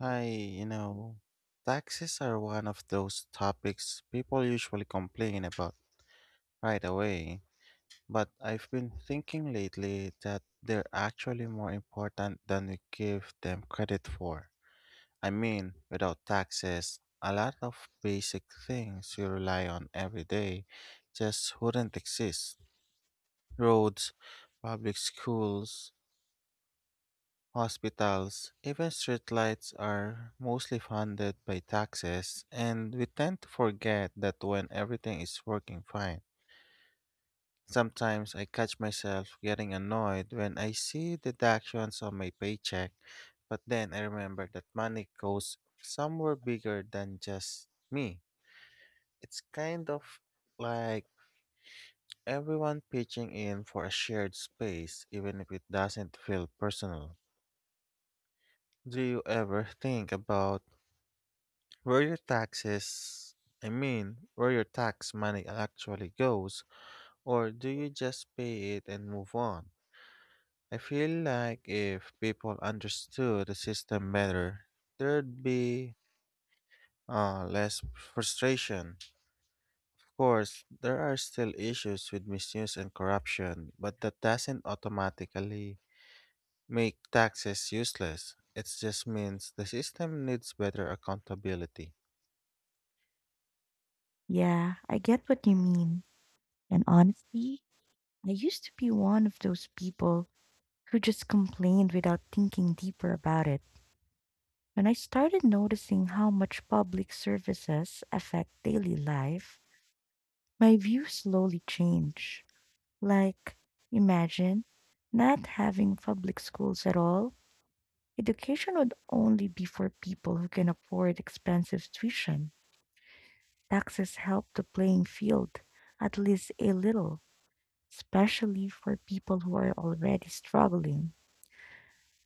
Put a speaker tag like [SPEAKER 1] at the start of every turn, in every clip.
[SPEAKER 1] I, you know, Taxes are one of those topics people usually complain about right away. But I've been thinking lately that they're actually more important than we give them credit for. I mean, without taxes, a lot of basic things we rely on every day just wouldn't exist. Roads, public schools, hospitals, even streetlights are mostly funded by taxes, and we tend to forget that when everything is working fine. Sometimes I catch myself getting annoyed when I see deductions on my paycheck, but then I remember that money goes somewhere bigger than just me. It's kind of like everyone pitching in for a shared space, even if it doesn't feel personal. Do you ever think about where your taxes where your tax money actually goes, or do you just pay it and move on? I feel like if people understood the system better, there'd be less frustration. Of course, there are still issues with misuse and corruption, but that doesn't automatically make taxes useless. It just means the system needs better accountability.
[SPEAKER 2] Yeah, I get what you mean. And honestly, I used to be one of those people who just complained without thinking deeper about it. When I started noticing how much public services affect daily life, my view slowly changed. Like, imagine not having public schools at all. Education would only be for people who can afford expensive tuition. Taxes help the playing field, at least a little especially for people who are already struggling.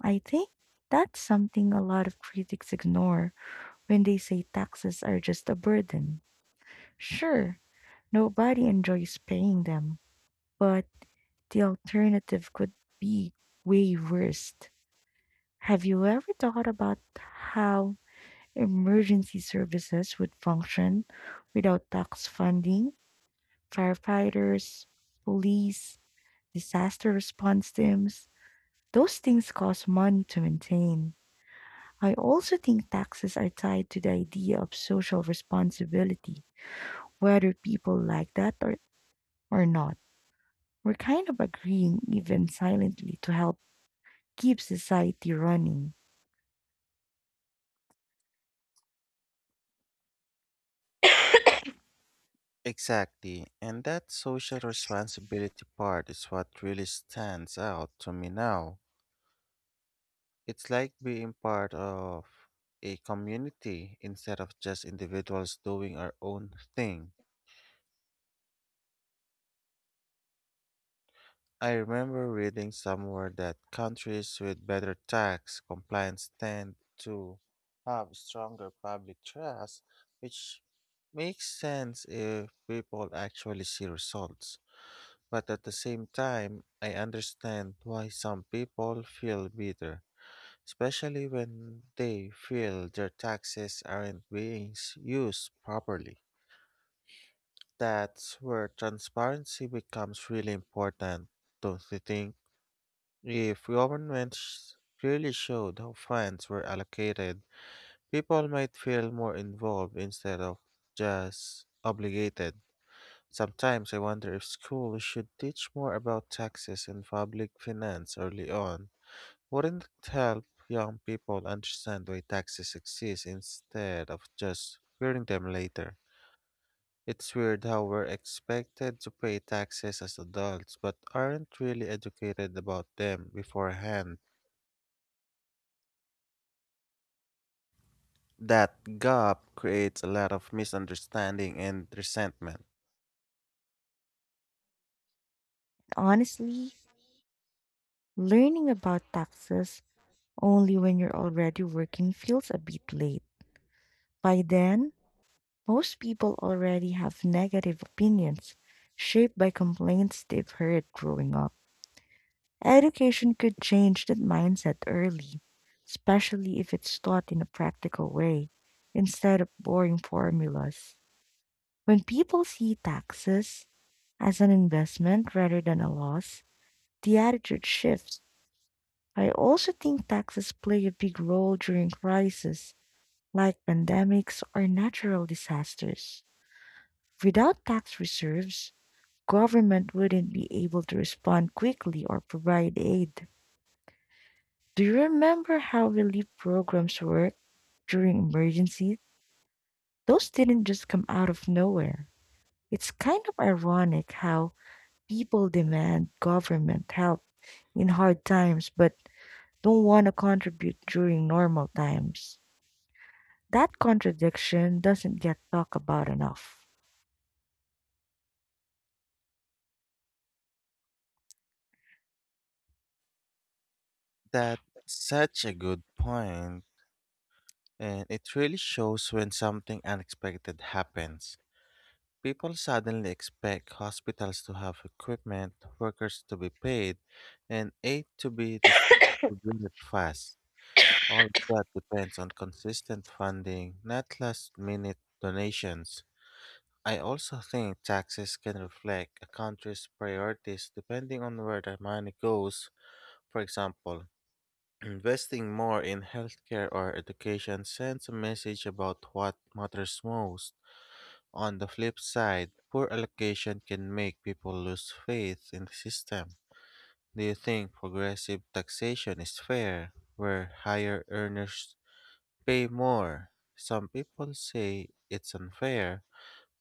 [SPEAKER 2] I think that's something a lot of critics ignore when they say taxes are just a burden. Sure, nobody enjoys paying them, but the alternative could be way worse. Have you ever thought about how emergency services would function without tax funding? Firefighters, police, disaster response teams, those things cost money to maintain. I also think taxes are tied to the idea of social responsibility, whether people like that or not. We're kind of agreeing, even silently, to help keep society running.
[SPEAKER 1] Exactly. And that social responsibility part is what really stands out to me now. It's like being part of a community instead of just individuals doing our own thing. I remember reading somewhere that countries with better tax compliance tend to have stronger public trust, which makes sense if people actually see results. But at the same time, I understand why some people feel bitter, especially when they feel their taxes aren't being s- used properly. That's where transparency becomes really important, don't you think? If governments clearly showed how funds were allocated, people might feel more involved instead of just obligated. Sometimes I wonder if schools should teach more about taxes and public finance early on. Wouldn't it help young people understand why taxes exist instead of just fearing them later? It's weird how we're expected to pay taxes as adults but aren't really educated about them beforehand. That gap creates a lot of misunderstanding and resentment.
[SPEAKER 2] Honestly, learning about taxes only when you're already working feels a bit late. By then, most people already have negative opinions shaped by complaints they've heard growing up. Education could change that mindset early, especially if it's taught in a practical way instead of boring formulas. When people see taxes as an investment rather than a loss, the attitude shifts. I also think taxes play a big role during crises like pandemics or natural disasters. Without tax reserves, government wouldn't be able to respond quickly or provide aid. Do you remember how relief programs work during emergencies? Those didn't just come out of nowhere. It's kind of ironic how people demand government help in hard times but don't want to contribute during normal times. That contradiction doesn't get talked about enough.
[SPEAKER 1] That's such a good point. And it really shows when something unexpected happens. People suddenly expect hospitals to have equipment, workers to be paid, and aid to be distributed fast. All of that depends on consistent funding, not last minute donations. I also think taxes can reflect a country's priorities depending on where the money goes. For example, investing more in healthcare or education sends a message about what matters most. On the flip side, poor allocation can make people lose faith in the system. Do you think progressive taxation is fair, where higher earners pay more? Some people say it's unfair,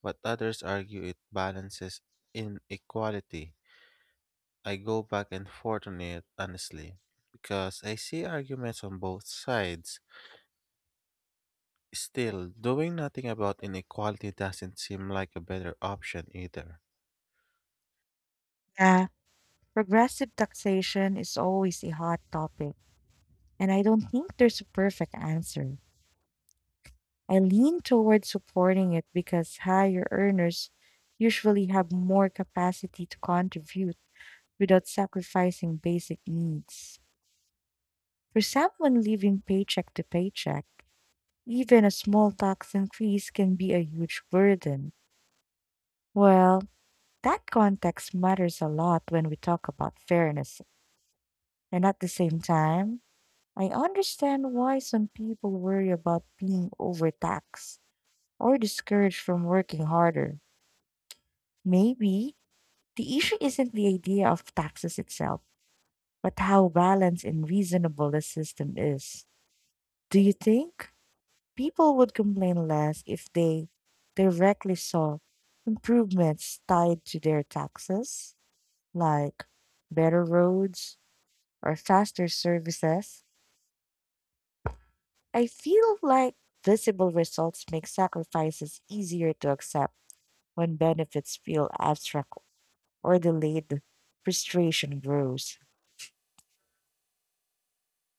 [SPEAKER 1] but others argue it balances inequality. I go back and forth on it, honestly, because I see arguments on both sides. Still, doing nothing about inequality doesn't seem like a better option either.
[SPEAKER 2] Yeah, progressive taxation is always a hot topic, and I don't think there's a perfect answer. I lean toward supporting it because higher earners usually have more capacity to contribute without sacrificing basic needs. For someone living paycheck to paycheck, even a small tax increase can be a huge burden. Well, that context matters a lot when we talk about fairness. And at the same time, I understand why some people worry about being overtaxed or discouraged from working harder. Maybe the issue isn't the idea of taxes itself, but how balanced and reasonable the system is. Do you think people would complain less if they directly saw improvements tied to their taxes, like better roads or faster services? I feel like visible results make sacrifices easier to accept when benefits feel abstract or delayed. Frustration grows.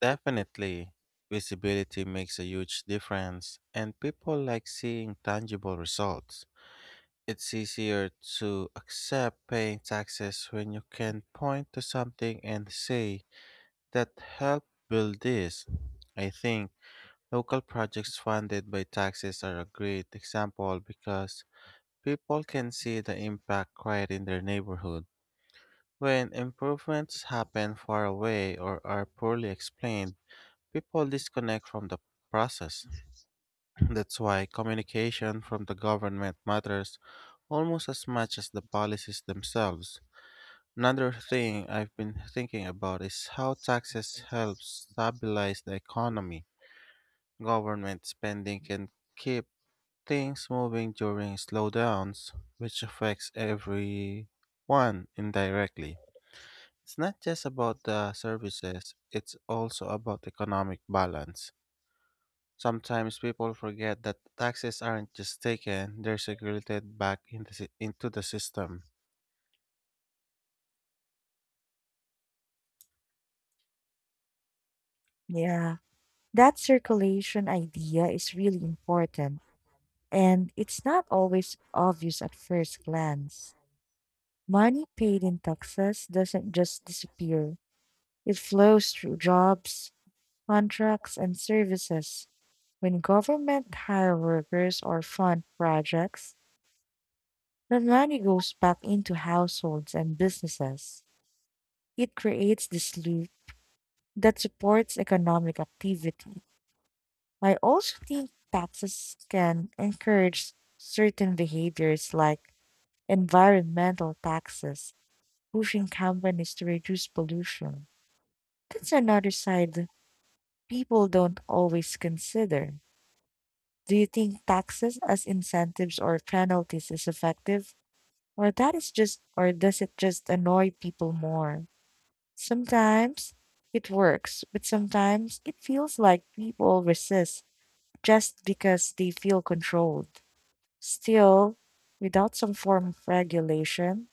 [SPEAKER 1] Definitely, visibility makes a huge difference, and people like seeing tangible results. It's easier to accept paying taxes when you can point to something and say that helped build this. I think local projects funded by taxes are a great example because people can see the impact right in their neighborhood. When improvements happen far away or are poorly explained, people disconnect from the process. That's why communication from the government matters almost as much as the policies themselves. Another thing I've been thinking about is how taxes help stabilize the economy. Government spending can keep things moving during slowdowns, which affects everyone indirectly. It's not just about the services, it's also about economic balance. Sometimes people forget that taxes aren't just taken, they're circulated back in into the system.
[SPEAKER 2] Yeah. That circulation idea is really important, and it's not always obvious at first glance. Money paid in taxes doesn't just disappear, it flows through jobs, contracts, and services. When government hire workers or fund projects, the money goes back into households and businesses. It creates this loop that supports economic activity. I also think taxes can encourage certain behaviors like environmental taxes, pushing companies to reduce pollution. That's another side people don't always consider. Do you think taxes as incentives or penalties is effective? Or that is just or does it just annoy people more? Sometimes it works, but sometimes it feels like people resist just because they feel controlled. Still, without some form of regulation,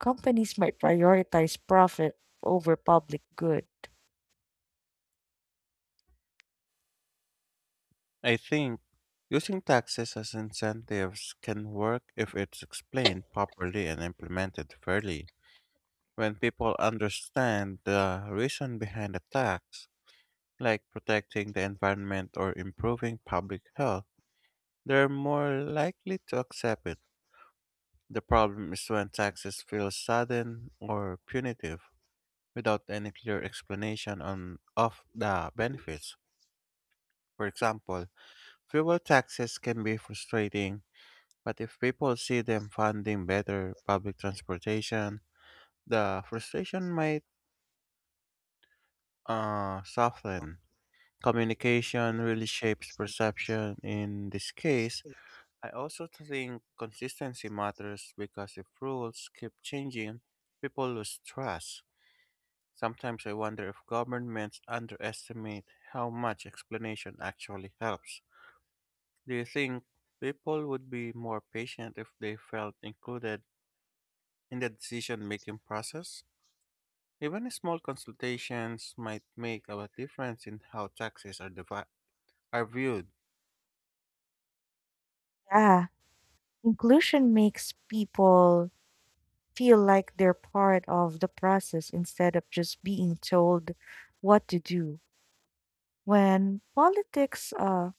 [SPEAKER 2] companies might prioritize profit over public good.
[SPEAKER 1] I think using taxes as incentives can work if it's explained properly and implemented fairly. When people understand the reason behind a tax, like protecting the environment or improving public health, they're more likely to accept it. The problem is when taxes feel sudden or punitive without any clear explanation on of the benefits. For example, fuel taxes can be frustrating, but if people see them funding better public transportation, the frustration might soften. Communication really shapes perception in this case. I also think consistency matters because if rules keep changing, people lose trust. Sometimes I wonder if governments underestimate how much explanation actually helps. Do you think people would be more patient if they felt included in the decision making process? Even small consultations might make a difference in how are viewed.
[SPEAKER 2] Yeah, inclusion makes people feel like they're part of the process instead of just being told what to do. When politics, uh,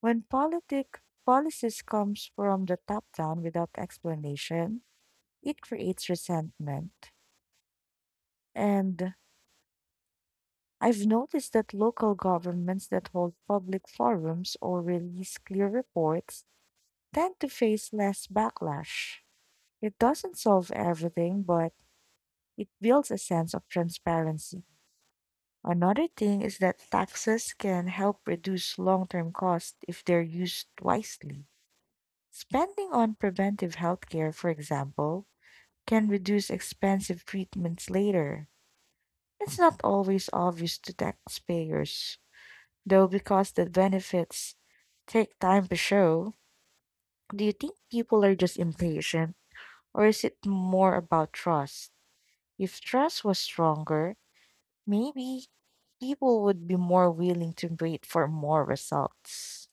[SPEAKER 2] when politic policies comes from the top down without explanation, it creates resentment. And I've noticed that local governments that hold public forums or release clear reports tend to face less backlash. It doesn't solve everything, but it builds a sense of transparency. Another thing is that taxes can help reduce long term costs if they're used wisely. Spending on preventive healthcare, for example, can reduce expensive treatments later. It's not always obvious to taxpayers, though because the benefits take time to show. Do you think people are just impatient, or is it more about trust? If trust was stronger, maybe people would be more willing to wait for more results.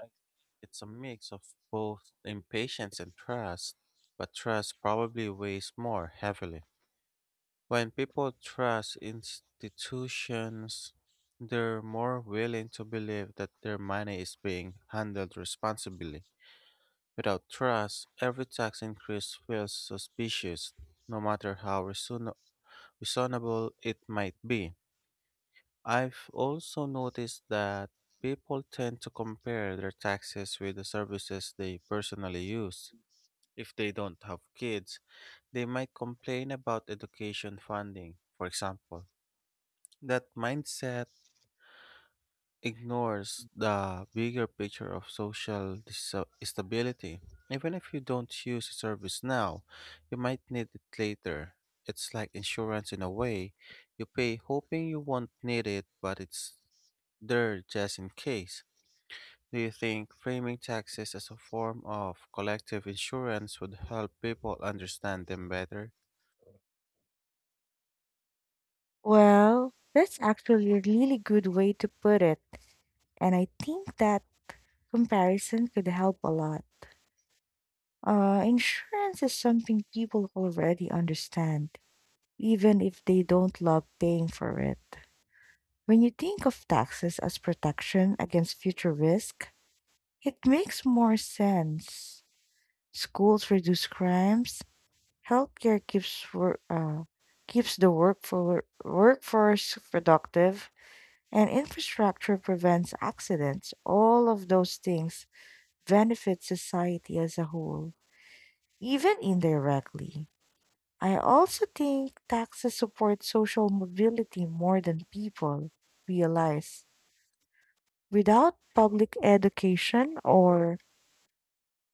[SPEAKER 1] I think it's a mix of both impatience and trust, but trust probably weighs more heavily. When people trust institutions, they're more willing to believe that their money is being handled responsibly. Without trust, every tax increase feels suspicious, no matter how reasonable it might be. I've also noticed that people tend to compare their taxes with the services they personally use. If they don't have kids, they might complain about education funding, for example. That mindset ignores the bigger picture of stability. Even if you don't use the service now, you might need it later. It's like insurance in a way. You pay hoping you won't need it, but it's there just in case. Do you think framing taxes as a form of collective insurance would help people understand them better?
[SPEAKER 2] Well, that's actually a really good way to put it, and I think that comparison could help a lot. Insurance is something people already understand, even if they don't love paying for it. When you think of taxes as protection against future risk, it makes more sense. Schools reduce crimes, healthcare keeps the workforce productive, and infrastructure prevents accidents. All of those things benefit society as a whole, even indirectly. I also think taxes support social mobility more than people realize. Without public education or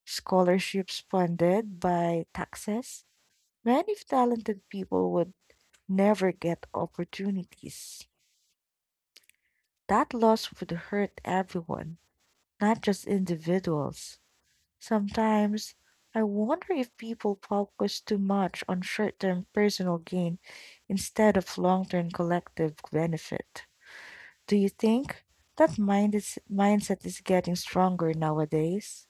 [SPEAKER 2] scholarships funded by taxes, many talented people would never get opportunities. That loss would hurt everyone, not just individuals. Sometimes I wonder if people focus too much on short term personal gain instead of long term collective benefit. Do you think mindset is getting stronger nowadays?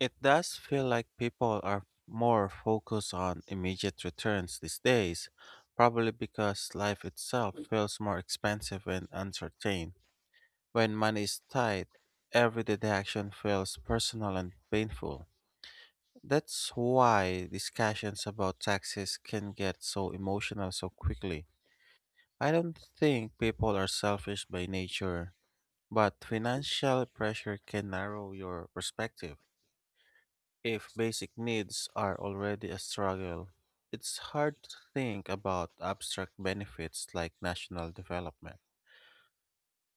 [SPEAKER 1] It does feel like people are more focused on immediate returns these days, probably because life itself feels more expensive and uncertain. When money is tight, every deduction feels personal and painful. That's why discussions about taxes can get so emotional so quickly. I don't think people are selfish by nature, but financial pressure can narrow your perspective. If basic needs are already a struggle, it's hard to think about abstract benefits like national development.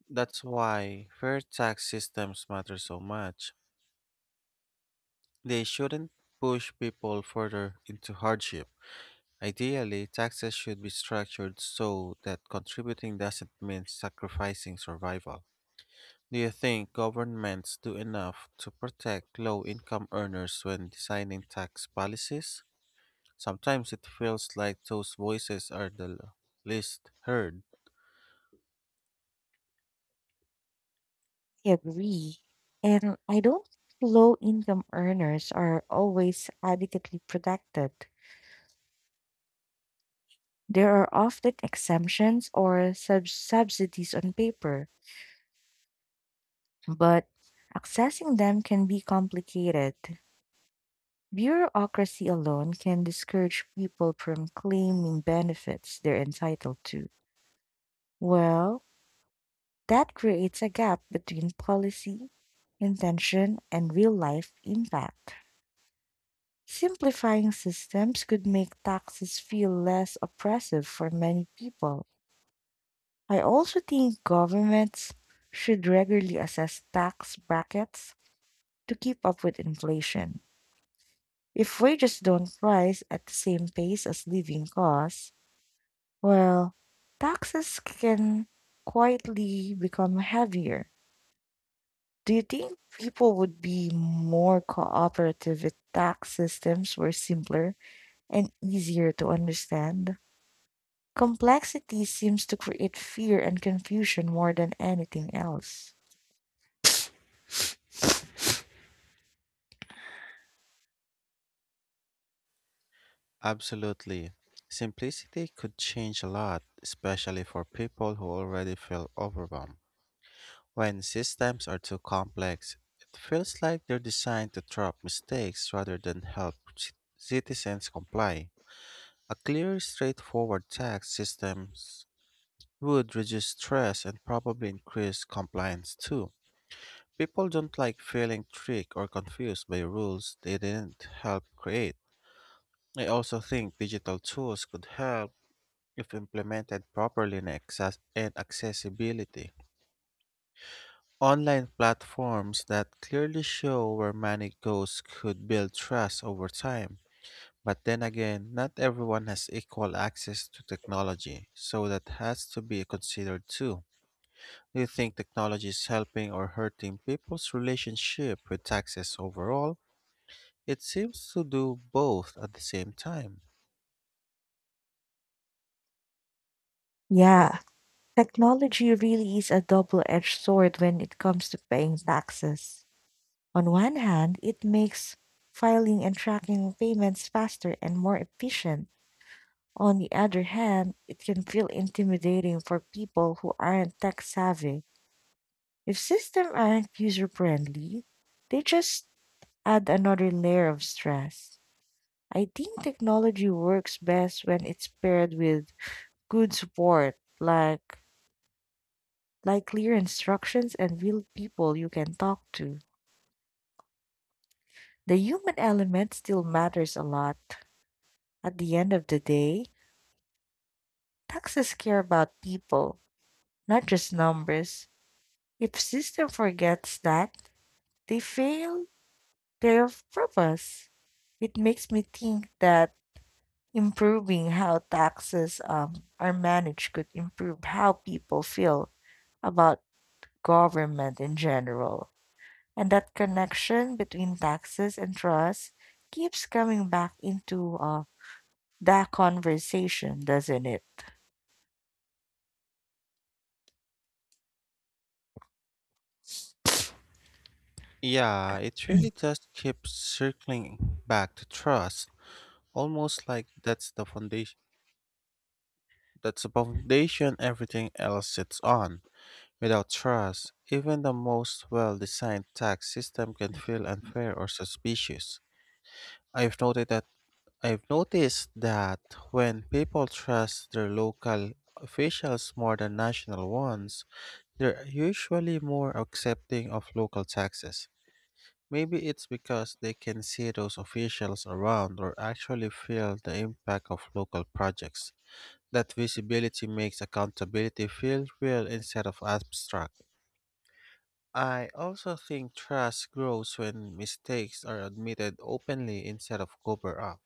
[SPEAKER 1] That's why fair tax systems matter so much. They shouldn't push people further into hardship. Ideally, taxes should be structured so that contributing doesn't mean sacrificing survival. Do you think governments do enough to protect low income earners when designing tax policies? Sometimes it feels like those voices are least heard.
[SPEAKER 2] I agree. And I don't think low income earners are always adequately protected. There are often exemptions or subsidies on paper, but accessing them can be complicated. Bureaucracy alone can discourage people from claiming benefits they're entitled to. Well, that creates a gap between policy, intention, and real life impact. Simplifying systems could make taxes feel less oppressive for many people. I also think governments should regularly assess tax brackets to keep up with inflation. If wages don't rise at the same pace as living costs, well, taxes can quietly become heavier. Do you think people would be more cooperative if tax systems were simpler and easier to understand? Complexity seems to create fear and confusion more than anything else.
[SPEAKER 1] Absolutely. Simplicity could change a lot, especially for people who already feel overwhelmed. When systems are too complex, it feels like they're designed to trap mistakes rather than help citizens comply. A clear, straightforward tax system would reduce stress and probably increase compliance too. People don't like feeling tricked or confused by rules they didn't help create. I also think digital tools could help if implemented properly in access and accessibility. Online platforms that clearly show where money goes could build trust over time. But then again, not everyone has equal access to technology, so that has to be considered too. Do you think technology is helping or hurting people's relationship with taxes overall? It seems to do both at the same time.
[SPEAKER 2] Yeah, technology really is a double edged sword when it comes to paying taxes. On one hand, it makes filing and tracking payments faster and more efficient. On the other hand, it can feel intimidating for people who aren't tech savvy. If systems aren't user friendly, they just add another layer of stress. I think technology works best when it's paired with good support, like clear instructions and real people you can talk to. The human element still matters a lot. At the end of the day, taxes care about people, not just numbers. If system forgets that, they fail their purpose. It makes me think that improving how taxes are managed could improve how people feel about government in general. And that connection between taxes and trust keeps coming back into that conversation, doesn't it?
[SPEAKER 1] Yeah, it really just keeps circling back to trust, almost like that's the foundation everything else sits on. Without trust, even the most well-designed tax system can feel unfair or suspicious. I've noted that I've noticed that when people trust their local officials more than national ones, they're usually more accepting of local taxes. Maybe it's because they can see those officials around or actually feel the impact of local projects. That visibility makes accountability feel real instead of abstract. I also think trust grows when mistakes are admitted openly instead of covered up.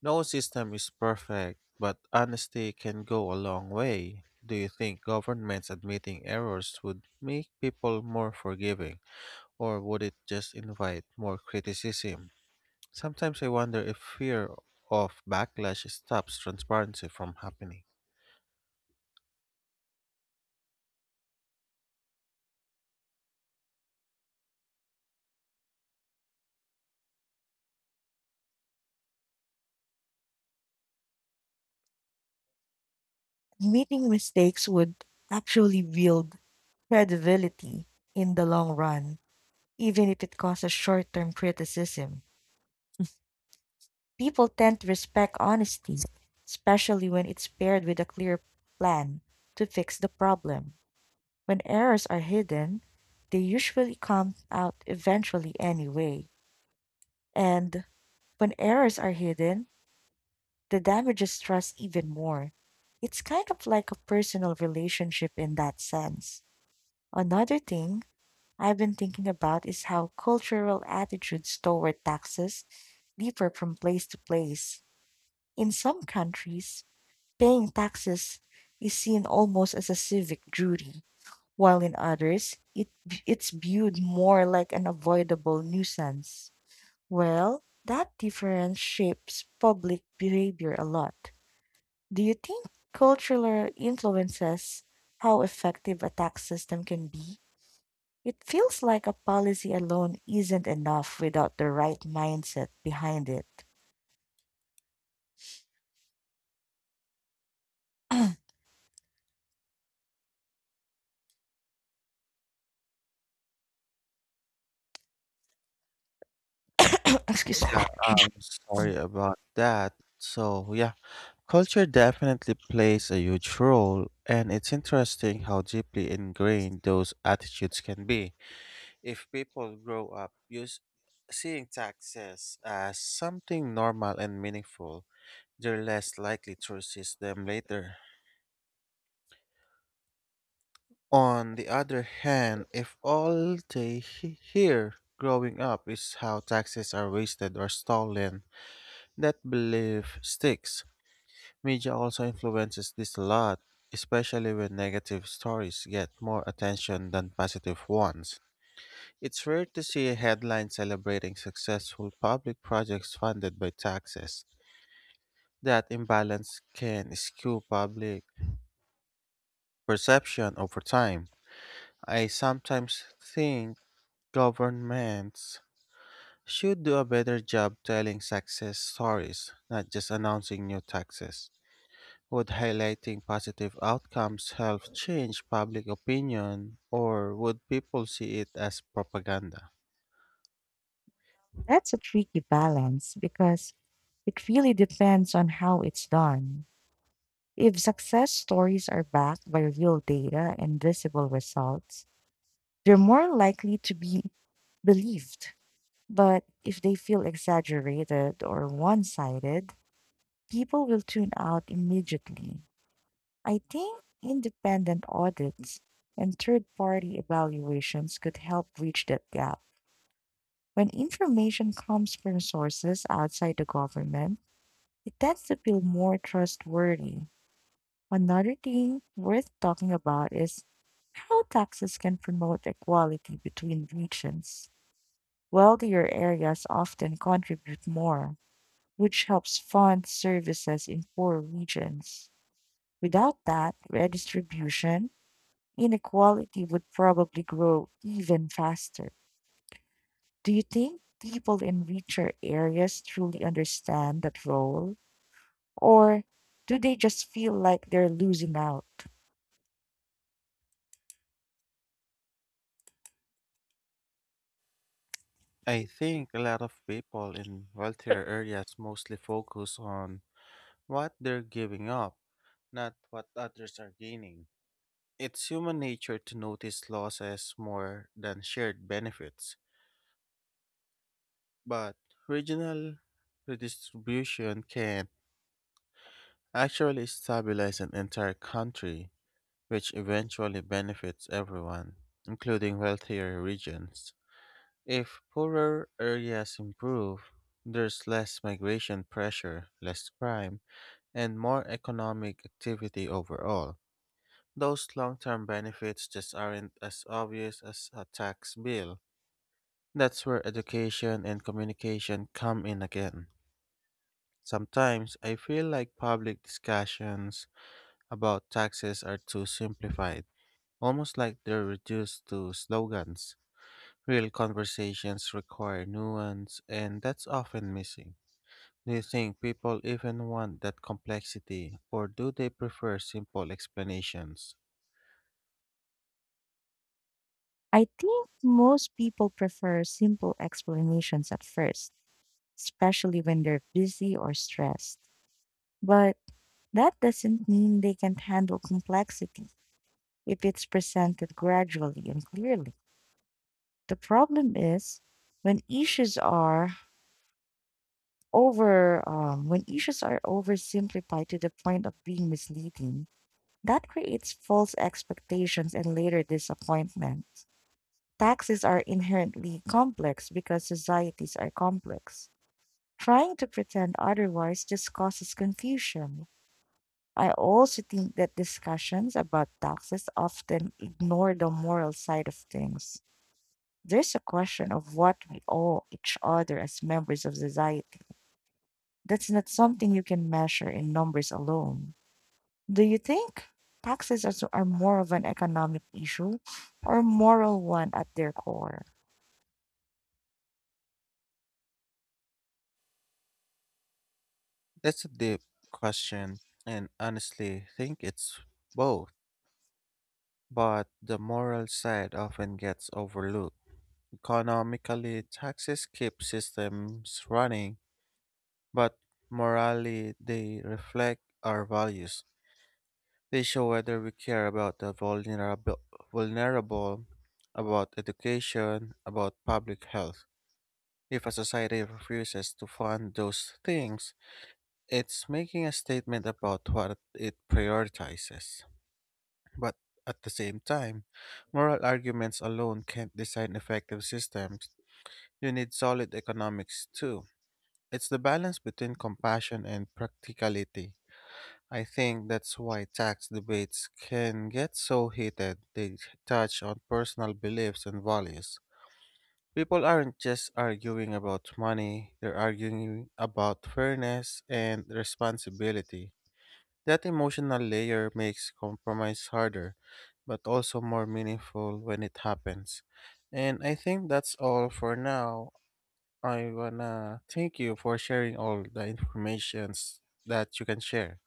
[SPEAKER 1] No system is perfect, but honesty can go a long way. Do you think governments admitting errors would make people more forgiving, or would it just invite more criticism? Sometimes I wonder if fear of backlash stops transparency from happening.
[SPEAKER 2] Admitting mistakes would actually build credibility in the long run, even if it causes short term criticism. People tend to respect honesty, especially when it's paired with a clear plan to fix the problem. When errors are hidden, they usually come out eventually anyway. And when errors are hidden, the damages trust even more. It's kind of like a personal relationship in that sense. Another thing I've been thinking about is how cultural attitudes toward taxes differ from place to place. In some countries, paying taxes is seen almost as a civic duty, while in others, it's viewed more like an avoidable nuisance. Well, that difference shapes public behavior a lot. Do you think cultural influences how effective a tax system can be? It feels like a policy alone isn't enough without the right mindset behind it. Excuse me.
[SPEAKER 1] Yeah, I'm sorry about that. So, yeah, culture definitely plays a huge role, and it's interesting how deeply ingrained those attitudes can be. If people grow up use seeing taxes as something normal and meaningful, they're less likely to resist them later. On the other hand, if all hear growing up is how taxes are wasted or stolen, that belief sticks. Media also influences this a lot, especially when negative stories get more attention than positive ones. It's rare to see a headline celebrating successful public projects funded by taxes. That imbalance can skew public perception over time. I sometimes think governments should do a better job telling success stories, not just announcing new taxes. Would highlighting positive outcomes help change public opinion, or would people see it as propaganda?
[SPEAKER 2] That's a tricky balance because it really depends on how it's done. If success stories are backed by real data and visible results, they're more likely to be believed. But if they feel exaggerated or one sided, people will tune out immediately. I think independent audits and third party evaluations could help bridge that gap. When information comes from sources outside the government, it tends to feel more trustworthy. Another thing worth talking about is how taxes can promote equality between regions. Wealthier areas often contribute more, which helps fund services in poor regions. Without that redistribution, inequality would probably grow even faster. Do you think people in richer areas truly understand that role? Or do they just feel like they're losing out?
[SPEAKER 1] I think a lot of people in wealthier areas mostly focus on what they're giving up, not what others are gaining. It's human nature to notice losses more than shared benefits, but regional redistribution can actually stabilize an entire country, which eventually benefits everyone, including wealthier regions. If poorer areas improve, there's less migration pressure, less crime, and more economic activity overall. Those long term benefits just aren't as obvious as a tax bill. That's where education and communication come in again. Sometimes I feel like public discussions about taxes are too simplified, almost like they're reduced to slogans. Real conversations require nuance, and that's often missing. Do you think people even want that complexity, or do they prefer simple explanations?
[SPEAKER 2] I think most people prefer simple explanations at first, especially when they're busy or stressed. But that doesn't mean they can't handle complexity if it's presented gradually and clearly. The problem is when issues are when issues are oversimplified to the point of being misleading, that creates false expectations and later disappointment. Taxes are inherently complex because societies are complex. Trying to pretend otherwise just causes confusion. I also think that discussions about taxes often ignore the moral side of things. There's a question of what we owe each other as members of society. That's not something you can measure in numbers alone. Do you think are more of an economic issue or moral one at their core?
[SPEAKER 1] That's a deep question, and honestly, think it's both. But the moral side often gets overlooked. Economically, taxes keep systems running, but morally, they reflect our values. They show whether we care about vulnerable, about education, about public health. If a society refuses to fund those things, it's making a statement about what it prioritizes. But at the same time, moral arguments alone can't design effective systems. You need solid economics too. It's the balance between compassion and practicality. I think that's why tax debates can get so heated. They touch on personal beliefs and values. People aren't just arguing about money, they're arguing about fairness and responsibility. That emotional layer makes compromise harder, but also more meaningful when it happens. And I think that's all for now. I wanna thank you for sharing all the informations that you can share.